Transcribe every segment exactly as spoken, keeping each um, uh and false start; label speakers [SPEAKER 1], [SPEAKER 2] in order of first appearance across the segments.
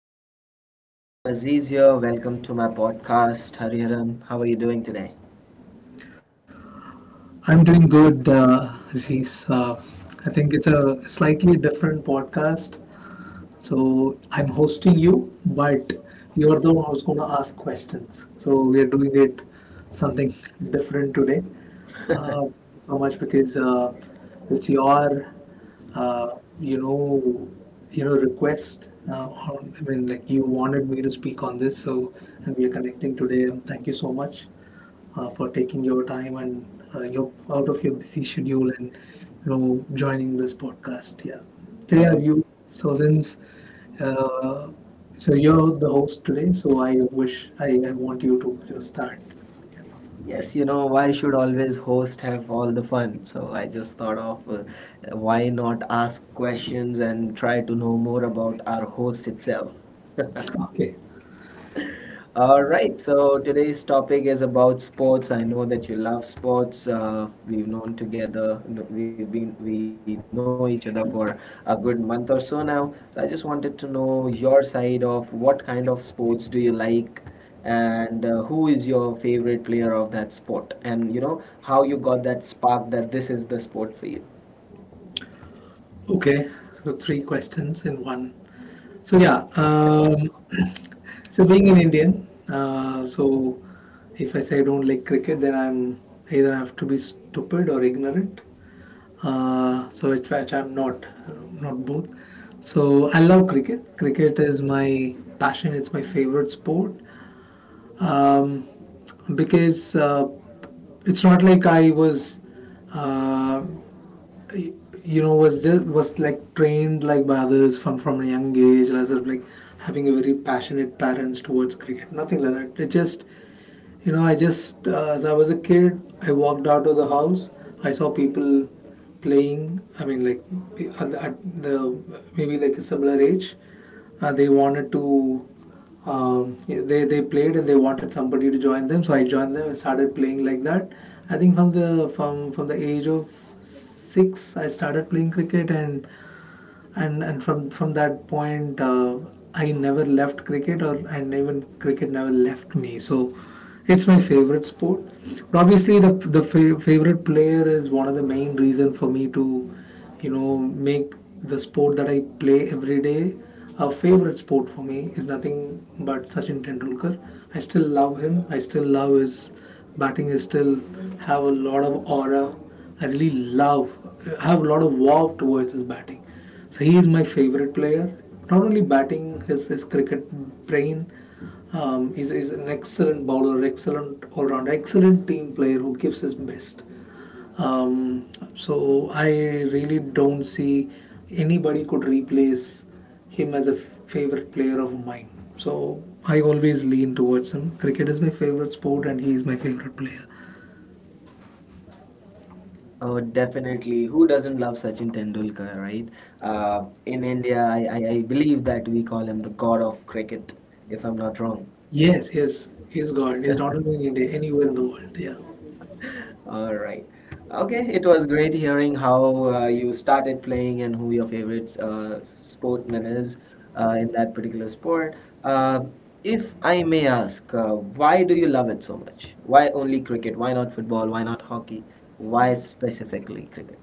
[SPEAKER 1] Hey, hi, it's Aziz here. Welcome to my podcast, Hariharan. How are you doing today?
[SPEAKER 2] I'm doing good, uh, Aziz. Uh, I think it's a slightly different podcast. So I'm hosting you, but you're the one who's going to ask questions. So we are doing it something different today. Uh, so much because uh, It's your, uh, you know, you know, request. Uh, on, I mean, like you wanted me to speak on this, so and we are connecting today. Thank you so much uh, for taking your time and uh, your out of your busy schedule and you know joining this podcast. Yeah. So yeah,
[SPEAKER 1] Uh,
[SPEAKER 2] you. So since uh, so you're the host today, so I wish I, I want you to just start.
[SPEAKER 1] yes, you know, why should always host have all the fun? So I just thought of uh, why not ask questions and try to know more about our host itself.
[SPEAKER 2] Okay.
[SPEAKER 1] All right, so today's topic is about sports. I know that you love sports. Uh, we've known together, no- we've been, we know each other for a good month or so now. So I just wanted to know your side of what kind of sports do you like, and uh, who is your favorite player of that sport, and you know how you got that spark that this is the sport for you.
[SPEAKER 2] Okay. So three questions in one. So yeah, um, so being an Indian, uh, so if I say I don't like cricket, then I'm either I have to be stupid or ignorant. Uh, so which, which I'm not, not both. So I love cricket. Cricket is my passion. It's my favorite sport um, because uh, it's not like I was, uh, you know, was just, was like trained like by others from from a young age, as of like having a very passionate parents towards cricket. Nothing like that. It just you know, I just, uh, as I was a kid, I walked out of the house. I saw people playing. I mean, like at the, at the maybe like a similar age, uh, they wanted to. Um, they they played and they wanted somebody to join them, so I joined them and started playing like that. I think from the from from the age of six, I started playing cricket, and and and from from that point uh, I never left cricket or and even cricket never left me, so it's my favorite sport. But obviously the the fa- favorite player is one of the main reason for me to you know make the sport that I play every day a favorite sport for me is nothing but sachin tendulkar. I still love him. I still love his batting. I still have a lot of aura. I really love, have a lot of wow towards his batting, so he is my favorite player. Not only batting, his his cricket brain. Um, he's, he's an excellent bowler, excellent all round, excellent team player who gives his best. Um, so I really don't see anybody could replace him as a favorite player of mine. So I always lean towards him. Cricket is my favorite sport, and he is my favorite player.
[SPEAKER 1] Oh, definitely. Who doesn't love Sachin Tendulkar, right? Uh, in India, I, I, I believe that we call him the god of cricket, if I'm not wrong.
[SPEAKER 2] Yes, yes, he's God. He's not only in India, anywhere in the world. Yeah.
[SPEAKER 1] All right. Okay, it was great hearing how uh, you started playing and who your favorite uh, sportman is uh, in that particular sport. Uh, if I may ask, uh, why do you love it so much? Why only cricket? Why not football? Why not hockey? Why specifically cricket?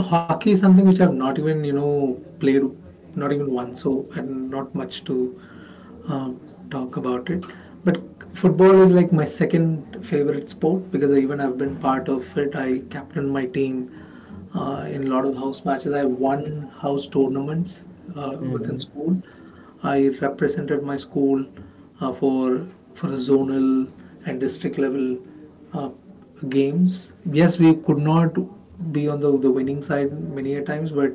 [SPEAKER 2] No, hockey is something which I've not even, you know, played not even once, so and not much to um, talk about it. But football is like my second favorite sport because I, even I've been part of it. I captained my team uh, in a lot of house matches. I won house tournaments uh, within school. I represented my school uh, for for the zonal and district level uh, games. Yes, we could not be on the, the winning side many a times, but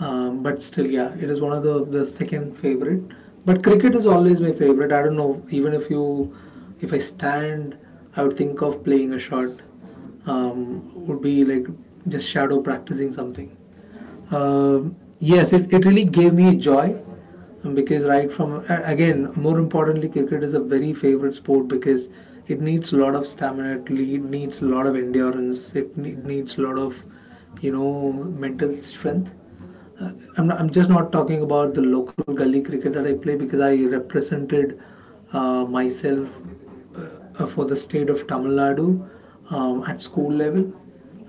[SPEAKER 2] um, but still, yeah, it is one of the the second favorite. But cricket is always my favorite. I don't know. Even if you if I stand, I would think of playing a shot. Um, would be like just shadow practicing something. Um yes, it, it really gave me joy um, because right from a- again more importantly cricket is a very favorite sport because it needs a lot of stamina, it le- needs a lot of endurance, it ne- needs a lot of you know mental strength. uh, I'm, not, I'm just not talking about the local gully cricket that I play because I represented uh, myself uh, for the state of Tamil Nadu um, at school level,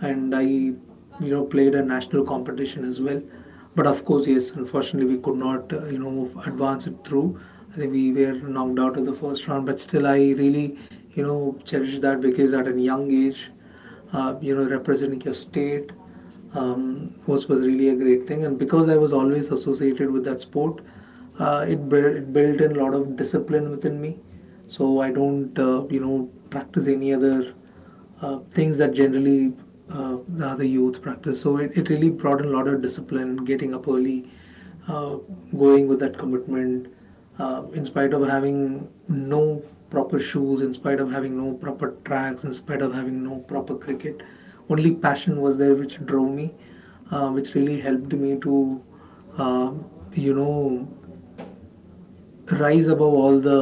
[SPEAKER 2] and I, you know, played a national competition as well. But of course, yes, unfortunately, we could not, uh, you know, advance it through. I think we were knocked out of the first round, but still, I really, you know, cherish that because at a young age, uh, you know, representing your state um, was was really a great thing. And because I was always associated with that sport, uh, it, built, it built in a lot of discipline within me. So I don't, uh, you know, practice any other uh, things that generally uh, the other youth practice. So it, it really brought in a lot of discipline, getting up early, uh, going with that commitment, uh, in spite of having no proper shoes, in spite of having no proper tracks, in spite of having no proper cricket. Only passion was there which drove me, uh, which really helped me to, uh, you know, rise above all the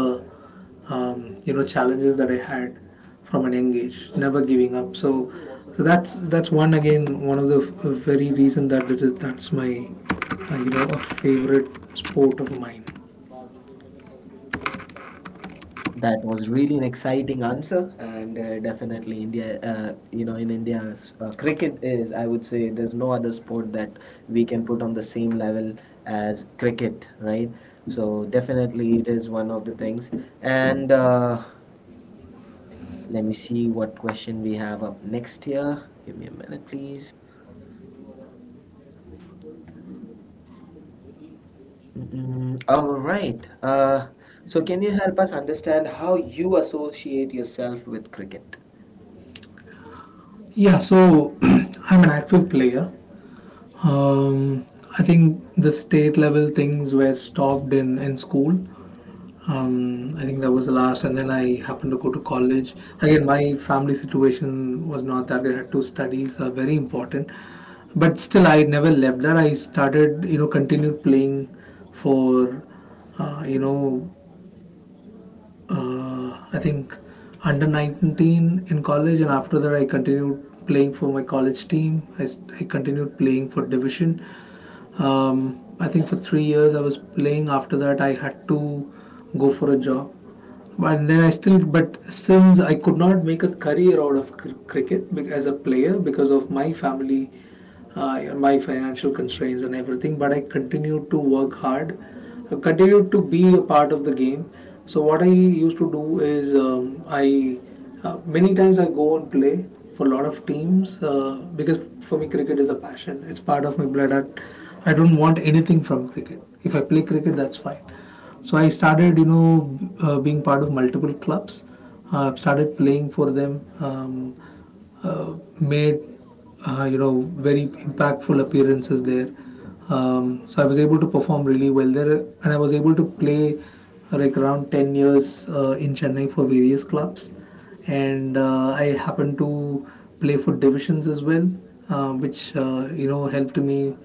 [SPEAKER 2] um, you know challenges that I had from an young age, never giving up. So, so that's that's one again one of the f- very reason that it is that's my uh, you know a favorite sport of mine.
[SPEAKER 1] That was really an exciting answer, and uh, definitely India. Uh, you know, in India, uh, cricket is. I would say there's no other sport that we can put on the same level as cricket, right? So definitely, it is one of the things. And uh, let me see what question we have up next here. Give me a minute, please. Mm, all right. Uh, so can you help us understand how you associate yourself with cricket?
[SPEAKER 2] Yeah, so I'm an active player. Um, I think the state level things were stopped in in school. Um, I think that was the last, and then I happened to go to college. Again, my family situation was not that great. I had to studies are very important, but still, I never left that. I started, you know, continued playing for, uh, you know, uh, I think under nineteen in college, and after that, I continued playing for my college team. I I continued playing for division. Um, I think for three years I was playing. After that, I had to go for a job. But then I still, but since I could not make a career out of cr- cricket as a player because of my family, uh, my financial constraints and everything, but I continued to work hard, continued to be a part of the game. So what I used to do is um, I uh, many times I go and play for a lot of teams uh, because for me cricket is a passion. It's part of my blood. I, I don't want anything from cricket. If I play cricket, that's fine. So I started, you know, uh, being part of multiple clubs. I've uh, started playing for them. Um, uh, made uh, you know very impactful appearances there. Um, so I was able to perform really well there, and I was able to play uh, like around ten years uh, in Chennai for various clubs, and uh, I happened to play for divisions as well, uh, which uh, you know helped me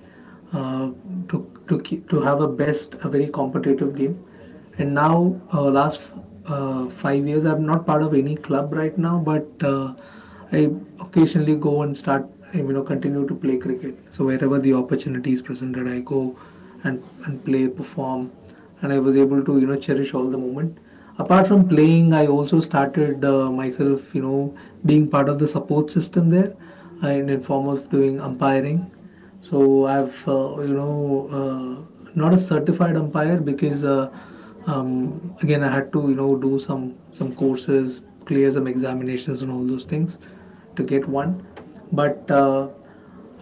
[SPEAKER 2] uh, to to keep, to have a best a very competitive game. And now uh, last uh, five years, I'm not part of any club right now, but uh, I occasionally go and start, you know, continue to play cricket. So wherever the opportunity is presented, I go and and play, perform, and I was able to you know cherish all the moment. Apart from playing, I also started uh, myself you know being part of the support system there, and in form of doing umpiring. So I've uh, you know uh, not a certified umpire because uh, um, again I had to you know do some some courses, clear some examinations and all those things to get one. But uh,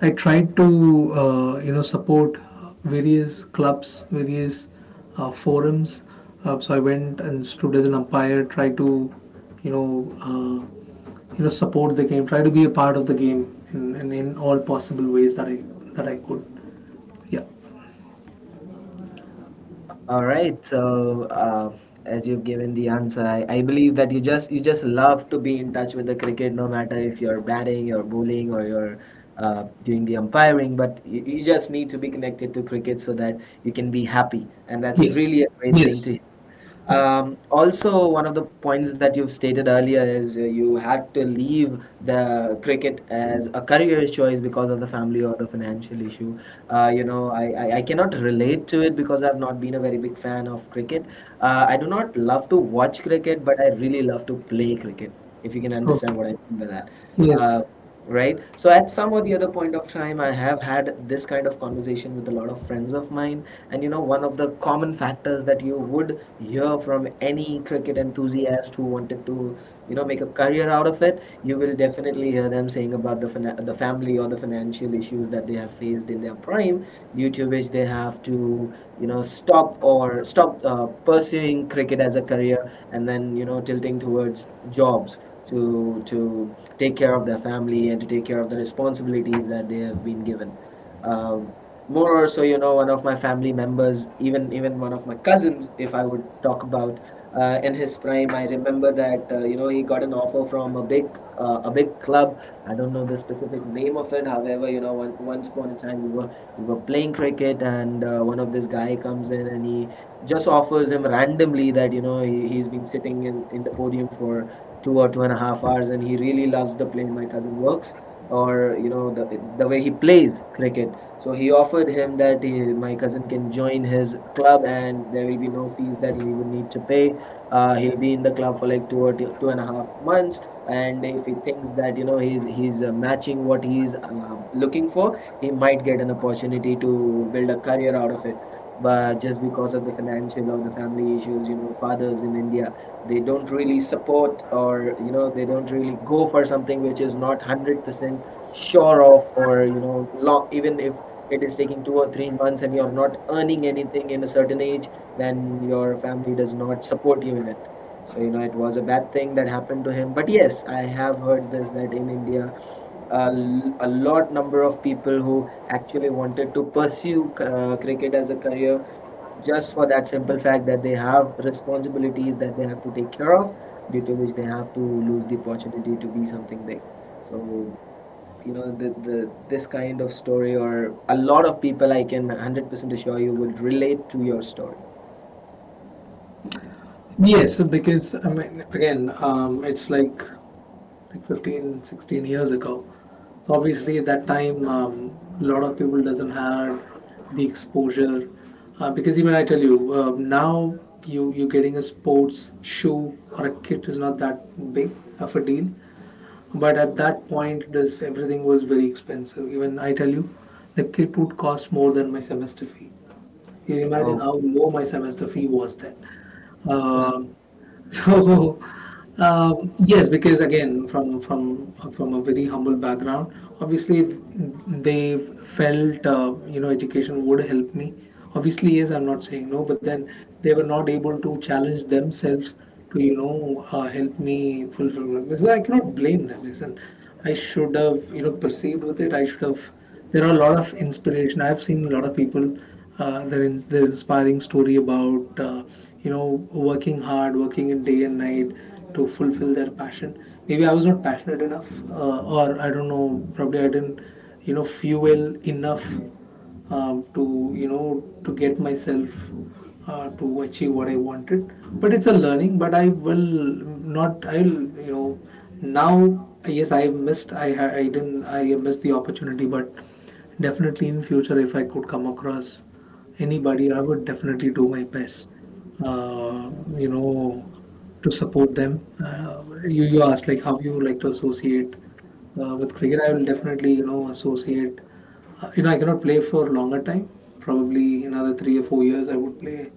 [SPEAKER 2] I tried to uh, you know support various clubs, various uh, forums. Uh, so I went and stood as an umpire, tried to you know uh, you know support the game, try to be a part of the game in, in, in all possible ways that i that I could. Yeah.
[SPEAKER 1] All right. So, uh, as you've given the answer, I, I believe that you just you just love to be in touch with the cricket, no matter if you're batting, you're bowling, or you're uh, doing the umpiring. But you, you just need to be connected to cricket so that you can be happy, and that's
[SPEAKER 2] Yes.
[SPEAKER 1] really a great thing
[SPEAKER 2] Yes.
[SPEAKER 1] to hear.
[SPEAKER 2] Yeah.
[SPEAKER 1] Um, also, one of the points that you've stated earlier is uh, you had to leave the cricket as a career choice because of the family or the financial issue. Uh, you know, I, I, I cannot relate to it because I've not been a very big fan of cricket. Uh, I do not love to watch cricket, but I really love to play cricket, if you can
[SPEAKER 2] Oh.
[SPEAKER 1] understand what I mean by that. Uh,
[SPEAKER 2] Yes,
[SPEAKER 1] right, so at some or the other point of time I have had this kind of conversation with a lot of friends of mine, and you know one of the common factors that you would hear from any cricket enthusiast who wanted to you know make a career out of it, you will definitely hear them saying about the fina- the family or the financial issues that they have faced in their prime, due to which they have to you know stop or stop uh, pursuing cricket as a career, and then you know tilting towards jobs to to take care of their family and to take care of the responsibilities that they have been given. Um, More or so, you know, one of my family members, even even one of my cousins, if I would talk about uh, in his prime, I remember that uh, you know he got an offer from a big uh, a big club. I don't know the specific name of it. However, you know, one, once upon a time we were we were playing cricket, and uh, one of this guy comes in and he just offers him randomly that you know he, he's been sitting in, in the podium for two or two and a half hours, and he really loves the play my cousin works or you know the, the way he plays cricket. So he offered him that he, my cousin, can join his club, and there will be no fees that he would need to pay uh, He'll be in the club for like two or two, two and a half months, and if he thinks that you know he's he's uh, matching what he's uh, looking for, he might get an opportunity to build a career out of it. But just because of the financial or the family issues, you know fathers in India, they don't really support, or you know they don't really go for something which is not one hundred percent sure of, or you know long, even if it is taking two or three months and you're not earning anything in a certain age, then your family does not support you in it. So you know it was a bad thing that happened to him, but yes, I have heard this that in India, a, l- a lot number of people who actually wanted to pursue uh, cricket as a career, just for that simple fact that they have responsibilities that they have to take care of, due to which they have to lose the opportunity to be something big. So you know the, the this kind of story, or a lot of people, I can one hundred percent assure you would relate to your story.
[SPEAKER 2] yes, because I mean again, um, it's like like fifteen, sixteen years ago, so obviously at that time um, a lot of people doesn't have the exposure uh, because even I tell you uh, now you you getting a sports shoe or a kit is not that big of a deal. But at that point, this everything was very expensive. Even I tell you, the kit would cost more than my semester fee. You
[SPEAKER 1] Oh.
[SPEAKER 2] imagine how low my semester fee was then. Um, so um, yes, because again, from from from a very humble background, obviously they felt uh, you know education would help me. Obviously, yes, I'm not saying no, but then they were not able to challenge themselves to you know uh, help me fulfill. My, because I cannot blame them. Listen, I should have you know perceived with it. I should have, there are a lot of inspiration. I've seen a lot of people uh, their in, their inspiring story about uh, you know working hard, working in day and night to fulfill their passion. Maybe I was not passionate enough, uh, or I don't know. Probably I didn't you know fuel enough um, to you know to get myself uh, to achieve what I wanted. But it's a learning. But I will not. I'll you know Now, yes, I missed. I ha- I didn't. I missed the opportunity. But definitely in future, if I could come across anybody, I would definitely do my best, uh, you know, to support them. Uh, you, you asked like how you like to associate uh, with cricket. I will definitely, you know, associate. Uh, you know, I cannot play for longer time. Probably another three or four years, I would play,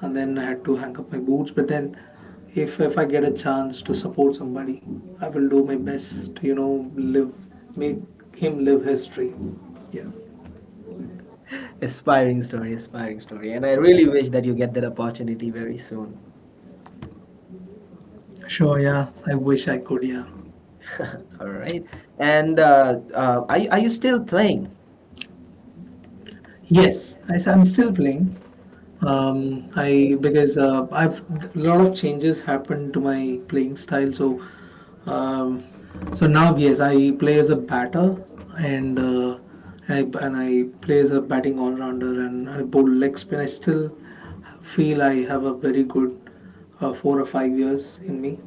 [SPEAKER 2] and then I had to hang up my boots. But then if if I get a chance to support somebody, I will do my best to, you know, live make him live his dream. Yeah,
[SPEAKER 1] Aspiring story, aspiring story. And I really wish that you get that opportunity very soon.
[SPEAKER 2] sure, yeah, I wish I could. Yeah,
[SPEAKER 1] All right. And uh, uh, are, you- are you still playing?
[SPEAKER 2] yes, I am still playing. Um i because uh, i've a lot of changes happened to my playing style, so um so now yes I play as a batter, and uh, and I, and I play as a batting all-rounder and I bowl leg spin. I still feel I have a very good uh, four or five years in me.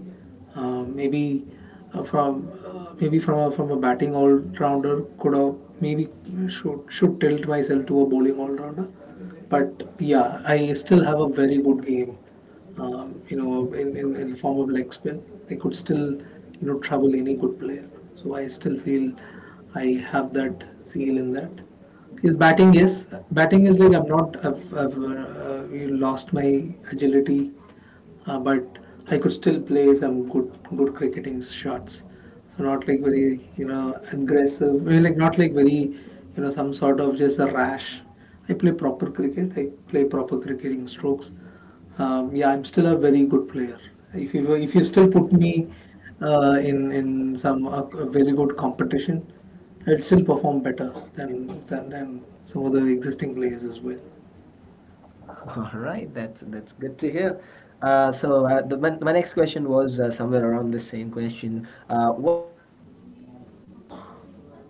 [SPEAKER 2] Uh, maybe uh, from uh, maybe from a, from a batting all rounder could have, maybe should should tilt myself to a bowling all rounder. But yeah, I still have a very good game. Um, you know, in, in, in the form of leg spin, I could still, you know, trouble any good player. So I still feel I have that zeal in that. His batting, is Batting is like I'm not. I've, I've uh, You lost my agility, uh, but I could still play some good good cricketing shots. So not like very, you know, aggressive, well, like not like very, you know, some sort of just a rash. I play proper cricket. I play proper cricketing strokes. Um, yeah, I'm still a very good player. If you if you still put me uh, in in some uh, a very good competition, I'll still perform better than than, than some of the existing players as well.
[SPEAKER 1] All right, that's that's good to hear. Uh, so uh, the, my, my next question was uh, somewhere around the same question. Uh, what is your playing style, to be specific? Are you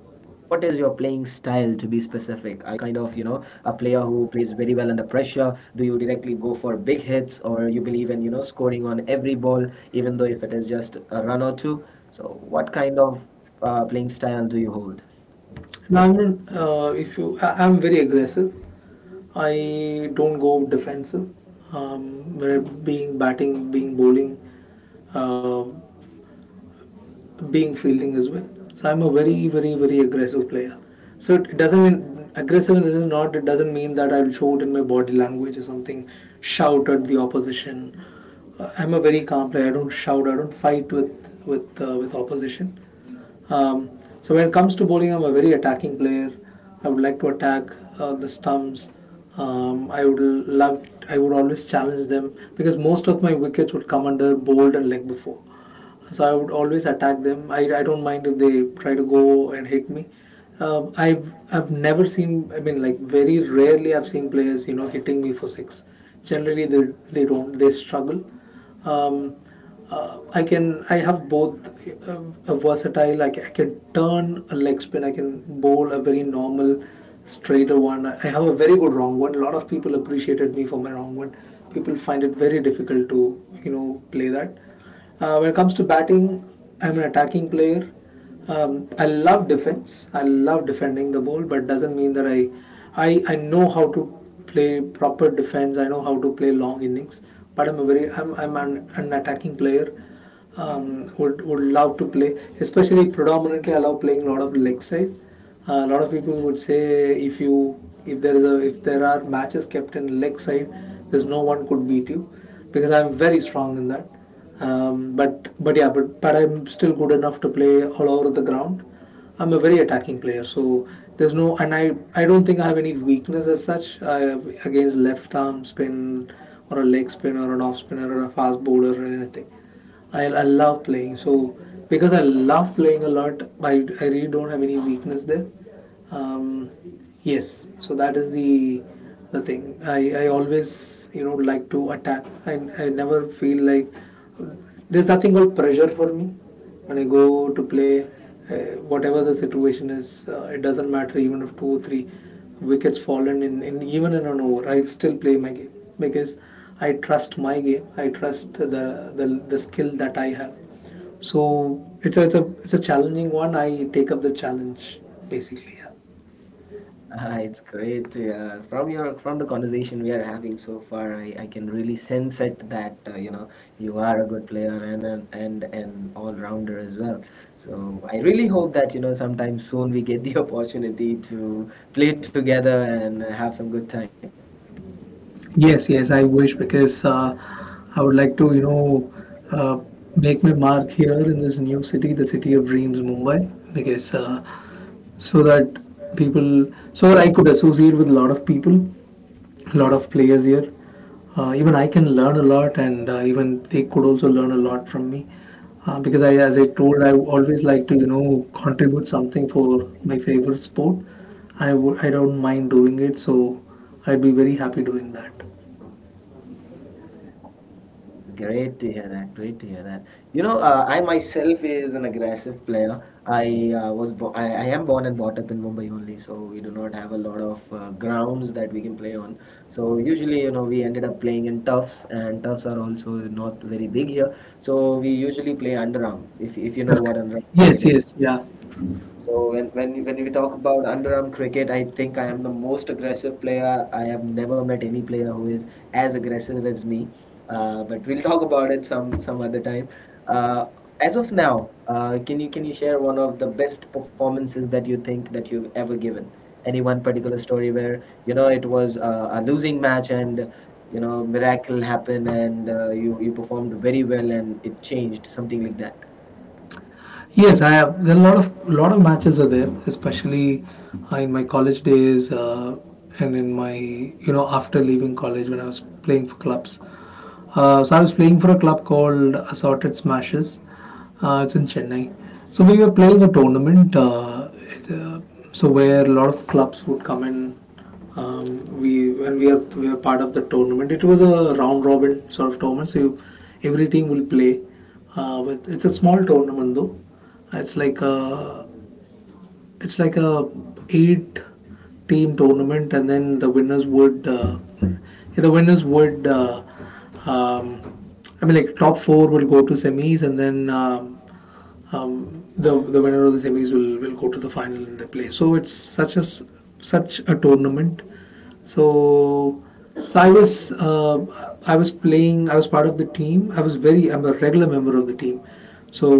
[SPEAKER 1] kind of, you know, a player who plays very well under pressure? Do you directly go for big hits, or you believe in, you know, scoring on every ball, even though if it is just a run or two? So, what kind of uh, playing style do you hold?
[SPEAKER 2] Now, I'm not, uh, if you, I, I'm very aggressive. I don't go defensive. Um, being batting, being bowling, uh, being fielding as well. So I'm a very, very, very aggressive player. So it doesn't mean aggressive. This is not. It doesn't mean that I'll show it in my body language or something. Shout at the opposition. Uh, I'm a very calm player. I don't shout. I don't fight with with uh, with opposition. Um, so when it comes to bowling, I'm a very attacking player. I would like to attack uh, the stumps. Um, I would love. I would always challenge them because most of my wickets would come under bowled and leg before, so I would always attack them. I, I don't mind if they try to go and hit me. Uh, I've I've never seen. I mean, like very rarely I've seen players, you know, hitting me for six. Generally, they they don't. They struggle. Um, uh, I can, I have both uh, a versatile. Like I can turn a leg spin. I can bowl a very normal straighter one. I I have a very good wrong one. A lot of people appreciated me for my wrong one. People find it very difficult to, you know, play that. Uh, when it comes to batting, I'm an attacking player. Um, I love defense. I love defending the ball, but doesn't mean that I, I, I know how to play proper defense. I know how to play long innings, but I'm a very, I'm, I'm an, an attacking player, um, would would love to play. Especially predominantly, I love playing a lot of leg side. A uh, lot of people would say if you if there is a, if there are matches kept in leg side, there's no one could beat you because I'm very strong in that. Um, but but yeah, but but I'm still good enough to play all over the ground. I'm a very attacking player, so there's no and I I don't think I have any weakness as such uh, against left arm spin or a leg spin or an off spinner or a fast bowler or anything. I, I love playing. So because I love playing a lot, I, I really don't have any weakness there. Um, yes, so that is the the thing. I, I always, you know, like to attack. I, I never feel like there's nothing called pressure for me when I go to play. Uh, whatever the situation is, uh, it doesn't matter even if two or three wickets fallen in, in even in an over. I will still play my game because I trust my game. I trust the the, the skill that I have. So it's a, it's a it's a challenging one. I take up the challenge basically. Yeah.
[SPEAKER 1] Ah, it's great. Uh, from your from the conversation we are having so far, I, I can really sense it that uh, you know you are a good player and an and an all rounder as well. So I really hope that you know sometime soon we get the opportunity to play together and have some good time.
[SPEAKER 2] Yes, yes, I wish because uh, I would like to, you know, uh, make my mark here in this new city, the city of dreams, Mumbai, because uh, so that people, so that I could associate with a lot of people, a lot of players here. Uh, even I can learn a lot, and uh, even they could also learn a lot from me. Uh, because I, as I told, I always like to, you know, contribute something for my favorite sport. I would, I don't mind doing it, so I'd be very happy doing that.
[SPEAKER 1] Great to hear that. Great to hear that. You know, uh, I myself is an aggressive player. I uh, was bo I, I am born and brought up in Mumbai only, so we do not have a lot of uh, grounds that we can play on. So usually, you know, we ended up playing in turfs, and turfs are also not very big here. So we usually play underarm, if if you know
[SPEAKER 2] Okay.
[SPEAKER 1] what underarm cricket
[SPEAKER 2] Yes,
[SPEAKER 1] is.
[SPEAKER 2] yes, yeah.
[SPEAKER 1] So when, when when we talk about underarm cricket, I think I am the most aggressive player. I have never met any player who is as aggressive as me. Uh, but we'll talk about it some some other time. Uh, as of now, uh, can you can you share one of the best performances that you think that you've ever given? Any one particular story where you know it was uh, a losing match and you know miracle happened and uh, you you performed very well and it changed something like that.
[SPEAKER 2] Yes, I have. There are a lot of lot of matches are there, especially uh, in my college days uh, and in my, you know, after leaving college when I was playing for clubs. Uh, so I was playing for a club called Assorted Smashes. Uh, it's in Chennai. So we were playing a tournament. Uh, it, uh, so where a lot of clubs would come in. Um, we When we are we were part of the tournament. It was a round robin sort of tournament. So you, every team will play. Uh, with, it's a small tournament though. It's like a it's like a eight team tournament, and then the winners would uh, yeah, the winners would uh, um, I mean, like top four will go to semis, and then um, um, the the winner of the semis will will go to the final and they play. So it's such a s- such a tournament. So so I was, uh, I was playing. I was part of the team. I was very I'm a regular member of the team. So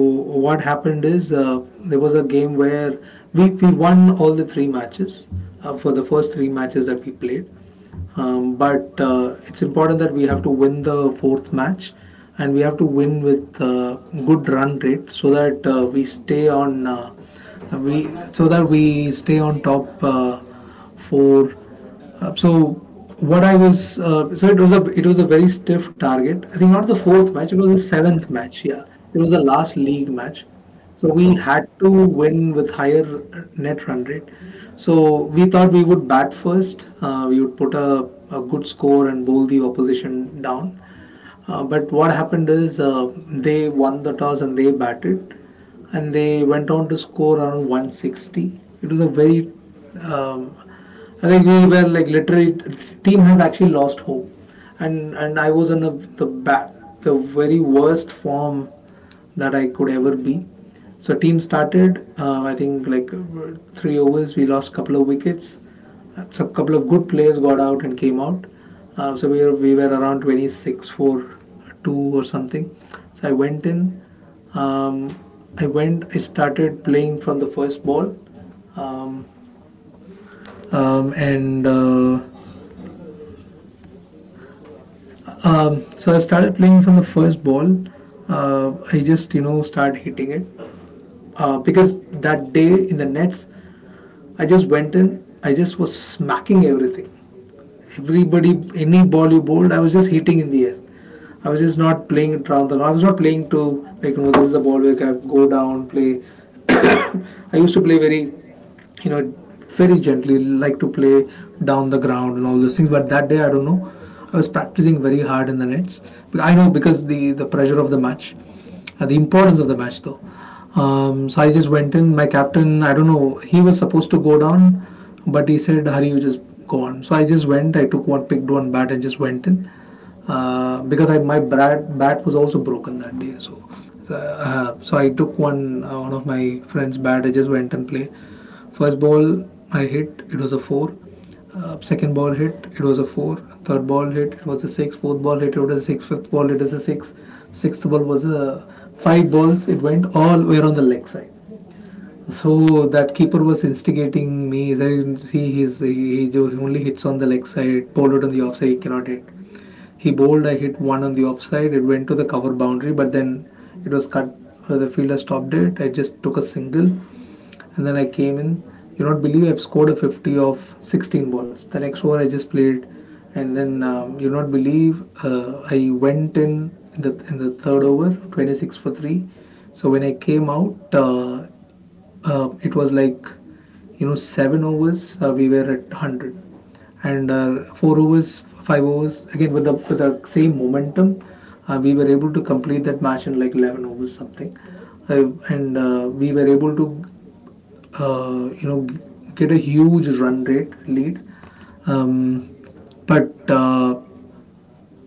[SPEAKER 2] what happened is uh, there was a game where we we won all the three matches, uh, for the first three matches that we played. Um, but uh, it's important that we have to win the fourth match and we have to win with uh, good run rate, so that uh, we stay on, uh, we so that we stay on top. Uh, for uh, so what I was, uh, so it was a, it was a very stiff target. I think not the fourth match, it was the seventh match. Yeah, it was the last league match, so we had to win with higher net run rate. So we thought we would bat first. Uh, we would put a, a good score and bowl the opposition down. Uh, but what happened is uh, they won the toss and they batted, and they went on to score around one sixty. It was a very, um, like we were like literally, team has actually lost hope, and and I was in a, the ba- the very worst form that I could ever be. So team started. Uh, I think like uh, three overs, we lost couple of wickets. Uh, So couple of good players got out and came out. Uh, so we were, we were around twenty-six for two or something. So I went in. Um, I went. I started playing from the first ball. Um, um, and uh, um, so I started playing from the first ball. Uh, I just, you know, start hitting it uh, because that day in the nets, I just went in, I just was smacking everything. Everybody, any ball you bowled, I was just hitting in the air. I was just not playing it around the ground. I was not playing to, like, you know, this is a ball where I go down play. I used to play very, you know, very gently. Like to play down the ground and all those things. But that day I don't know. I was practicing very hard in the nets. I know because the the pressure of the match, uh, the importance of the match though. Um, so I just went in. My captain, I don't know, he was supposed to go down, but he said, "Hari, you just go on." So I just went. I took one, picked one bat, and just went in uh, because I, my bat, bat was also broken that day. So, so, uh, so I took one uh, one of my friend's bat. I just went and played. First ball I hit, it was a four. Uh, second ball hit, it was a four. Third ball hit, it was a six. Fourth ball hit, it was a six. Fifth ball, it is a six. Sixth ball was a five balls. It went all were on the leg side. So that keeper was instigating me. He said, see, he's, he, he he only hits on the leg side, bowled on the off side, he cannot hit. He bowled, I hit one on the offside. It went to the cover boundary, but then it was cut. Uh, the fielder stopped it. I just took a single and then I came in. You not believe I've scored a fifty of sixteen balls. The next over I just played, and then um, you not believe uh, I went in in the in the third over twenty six for three. So when I came out, uh, uh, it was like you know seven overs uh, we were at one hundred, and uh, four overs, five overs again with the with the same momentum, uh, we were able to complete that match in like eleven overs something. Uh, and uh, We were able to uh, you know get a huge run rate lead um, but uh,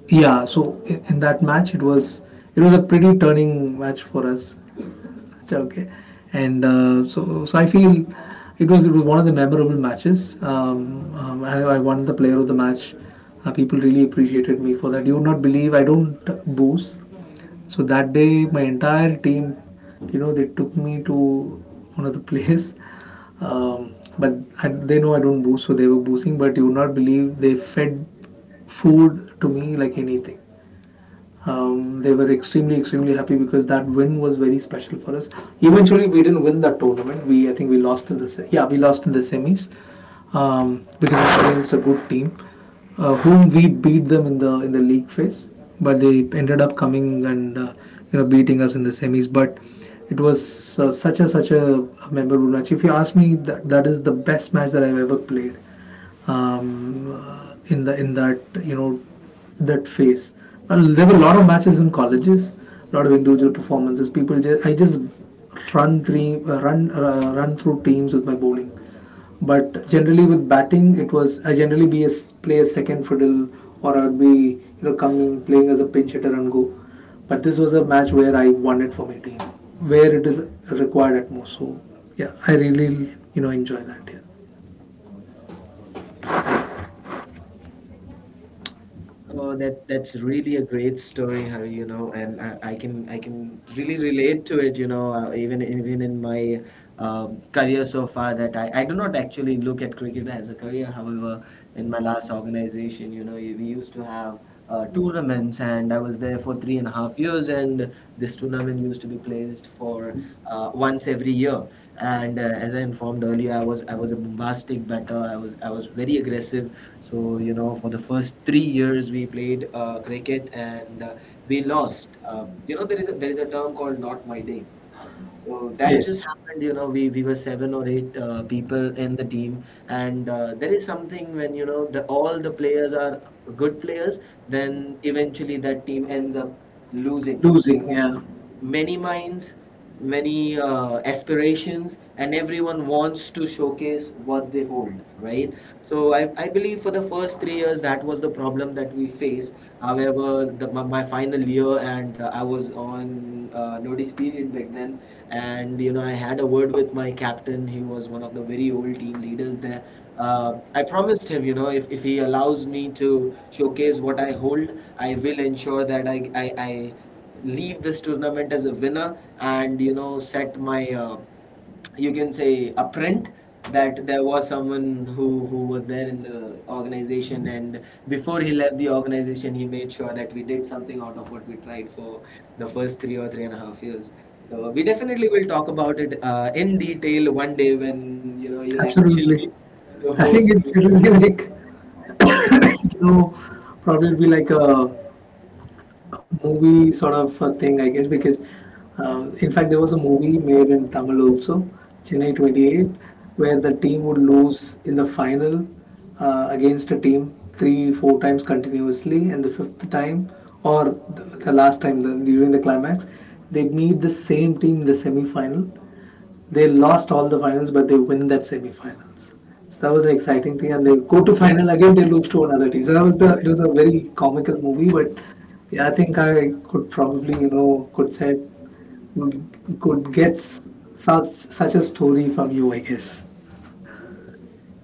[SPEAKER 2] yeah, so i- in that match it was it was a pretty turning match for us. Okay. And uh, so so I feel it was it was one of the memorable matches. Um, um, I, I won the player of the match. Uh, people really appreciated me for that. You would not believe, I don't boos. So that day, my entire team, you know, they took me to one of the place. Um, but I, they know I don't booze, so they were boozing. But you would not believe they fed food to me like anything. Um, they were extremely, extremely happy because that win was very special for us. Eventually, we didn't win that tournament. We, I think, we lost in the se- yeah, we lost in the semis um, because it against a good team, uh, whom we beat them in the in the league phase. But they ended up coming and uh, you know beating us in the semis. But it was uh, such a such a memorable match. If you ask me, that that is the best match that I've ever played um, in the in that you know that phase. Well, there were a lot of matches in colleges, a lot of individual performances. People, just, I just run three uh, run uh, run through teams with my bowling, but generally with batting, it was I generally be a play a second fiddle or I would be you know coming playing as a pinch hitter and go. But this was a match where I won it for my team, where it is required at most. So yeah, I really you know enjoy that. Yeah.
[SPEAKER 1] Oh, that that's really a great story, Hari, you know, and I, I can I can really relate to it, you know, uh, even even in my um, career so far that I, I do not actually look at cricket as a career. However, in my last organization, you know, we used to have uh, tournaments, and I was there for three and a half and a half years, and this tournament used to be placed for uh, once every year. And uh, as I informed earlier, I was I was a bombastic batter. I was I was very aggressive. So you know, for the first three years we played uh, cricket, and uh, we lost. Uh, you know, there is a, there is a term called "not my day." So that just
[SPEAKER 2] Yes.
[SPEAKER 1] happened, you know, we, we were seven or eight uh, people in the team. And uh, there is something when, you know, the, all the players are good players, then eventually that team ends up losing
[SPEAKER 2] Losing.
[SPEAKER 1] because
[SPEAKER 2] Yeah,
[SPEAKER 1] many minds, many uh, aspirations, and everyone wants to showcase what they hold, right? So I, I believe for the first three years, that was the problem that we faced. However, the, my, my final year, and uh, I was on uh, notice period back then, and you know, I had a word with my captain. He was one of the very old team leaders there. Uh, I promised him, you know, if, if he allows me to showcase what I hold, I will ensure that I, I, I leave this tournament as a winner and you know set my uh, you can say a print that there was someone who who was there in the organization, and before he left the organization he made sure that we did something out of what we tried for the first three or three and a half years, so we definitely will talk about it uh, in detail one day when you know you'll actually be
[SPEAKER 2] absolutely.
[SPEAKER 1] the
[SPEAKER 2] I
[SPEAKER 1] host
[SPEAKER 2] think it,
[SPEAKER 1] to
[SPEAKER 2] it will be like, you know, probably it'll be like a, a movie sort of a thing, I guess, because uh, in fact, there was a movie made in Tamil also, Chennai twenty eight, where the team would lose in the final uh, against a team three, four times continuously, and the fifth time or the, the last time the, during the climax, they meet the same team in the semi final. They lost all the finals, but they win that semi-finals. So that was an exciting thing, and they go to final again. They lose to another team. So that was the. It was a very comical movie, but yeah, I think I could probably you know could say could get s- such such a story from you, I guess.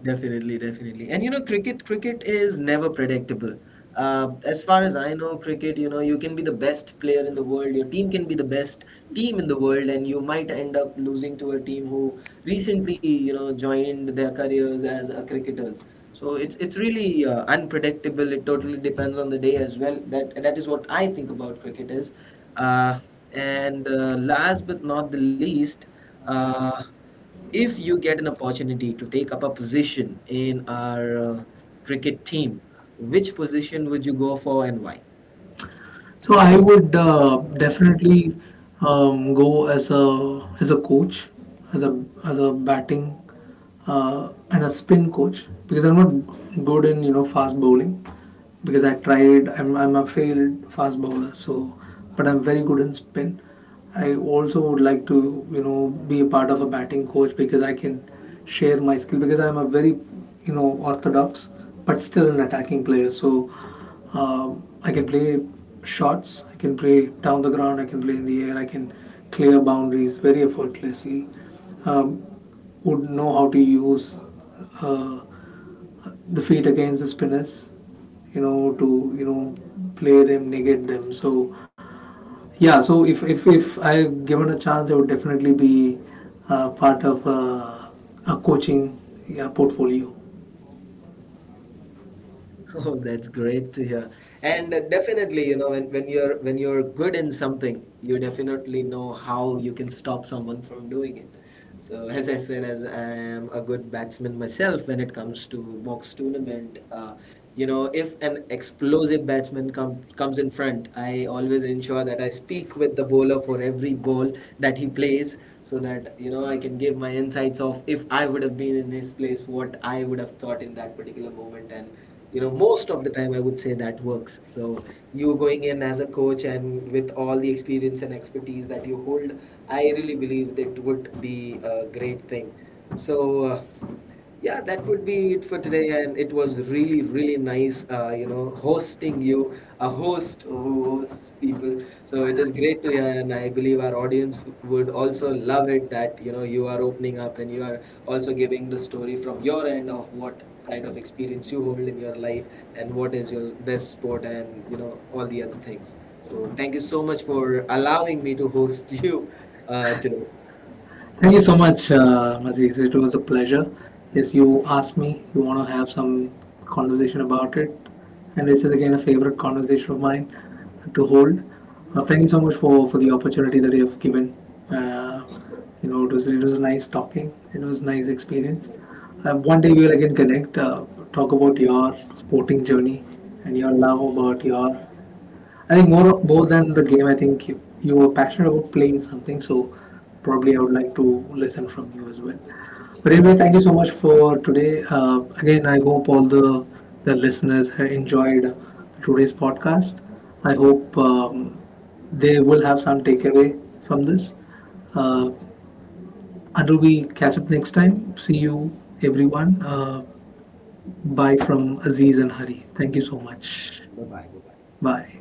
[SPEAKER 1] Definitely, definitely. And you know, cricket cricket is never predictable. Uh, as far as I know, cricket, you know, you can be the best player in the world, your team can be the best team in the world, and you might end up losing to a team who recently, you know, joined their careers as uh, cricketers. So it's it's really uh, unpredictable. It totally depends on the day as well. That that is what I think about cricket is. Uh, and uh, last but not the least, uh, if you get an opportunity to take up a position in our uh, cricket team, which position would you go for and why?
[SPEAKER 2] So I would uh, definitely um, go as a as a coach, as a as a batting uh, and a spin coach because I'm not good in you know fast bowling because I tried, I'm I'm a failed fast bowler. So but I'm very good in spin. I also would like to, you know, be a part of a batting coach because I can share my skill because I'm a very, you know, orthodox but still an attacking player. So um, I can play shots, I can play down the ground, I can play in the air, I can clear boundaries very effortlessly. Um, would know how to use uh, the feet against the spinners, you know, to you know play them, negate them. So yeah, so if if if I given a chance I would definitely be uh, part of uh, a coaching, yeah, portfolio.
[SPEAKER 1] Oh, that's great to hear. And uh, definitely, you know, when, when you're when you're good in something, you definitely know how you can stop someone from doing it. So as I said, as I am a good batsman myself when it comes to box tournament, uh, you know, if an explosive batsman com comes in front, I always ensure that I speak with the bowler for every ball that he plays so that, you know, I can give my insights of if I would have been in his place, what I would have thought in that particular moment. And you know most of the time I would say that works. So you going in as a coach and with all the experience and expertise that you hold, I really believe that would be a great thing. So uh, yeah, that would be it for today, and it was really really nice uh, you know hosting you, a host who hosts people, so it is great to hear, and I believe our audience would also love it that you know you are opening up and you are also giving the story from your end of what kind of experience you hold in your life and what is your best sport and you know all the other things. So thank you so much for allowing me to host you uh, today.
[SPEAKER 2] Thank you so much, uh, Aziz. It was a pleasure. Yes, you asked me, you want to have some conversation about it, and it's again a favorite conversation of mine to hold. Uh, thank you so much for, for the opportunity that you have given. Uh, you know, it was it was nice talking. It was nice experience. Uh, one day we will again connect, uh, talk about your sporting journey and your love about your. I think more more than the game, I think you, you were passionate about playing something, so probably I would like to listen from you as well. But
[SPEAKER 1] Sure
[SPEAKER 2] anyway,
[SPEAKER 1] thing.
[SPEAKER 2] thank you so much for today. Uh, again, I hope all the the listeners have enjoyed today's podcast. I hope um, they will have some takeaway from this. Uh, until we catch up next time, see you everyone. Uh, bye from Aziz and Hari. Thank you so much.
[SPEAKER 1] Bye bye. Bye bye.
[SPEAKER 2] Bye.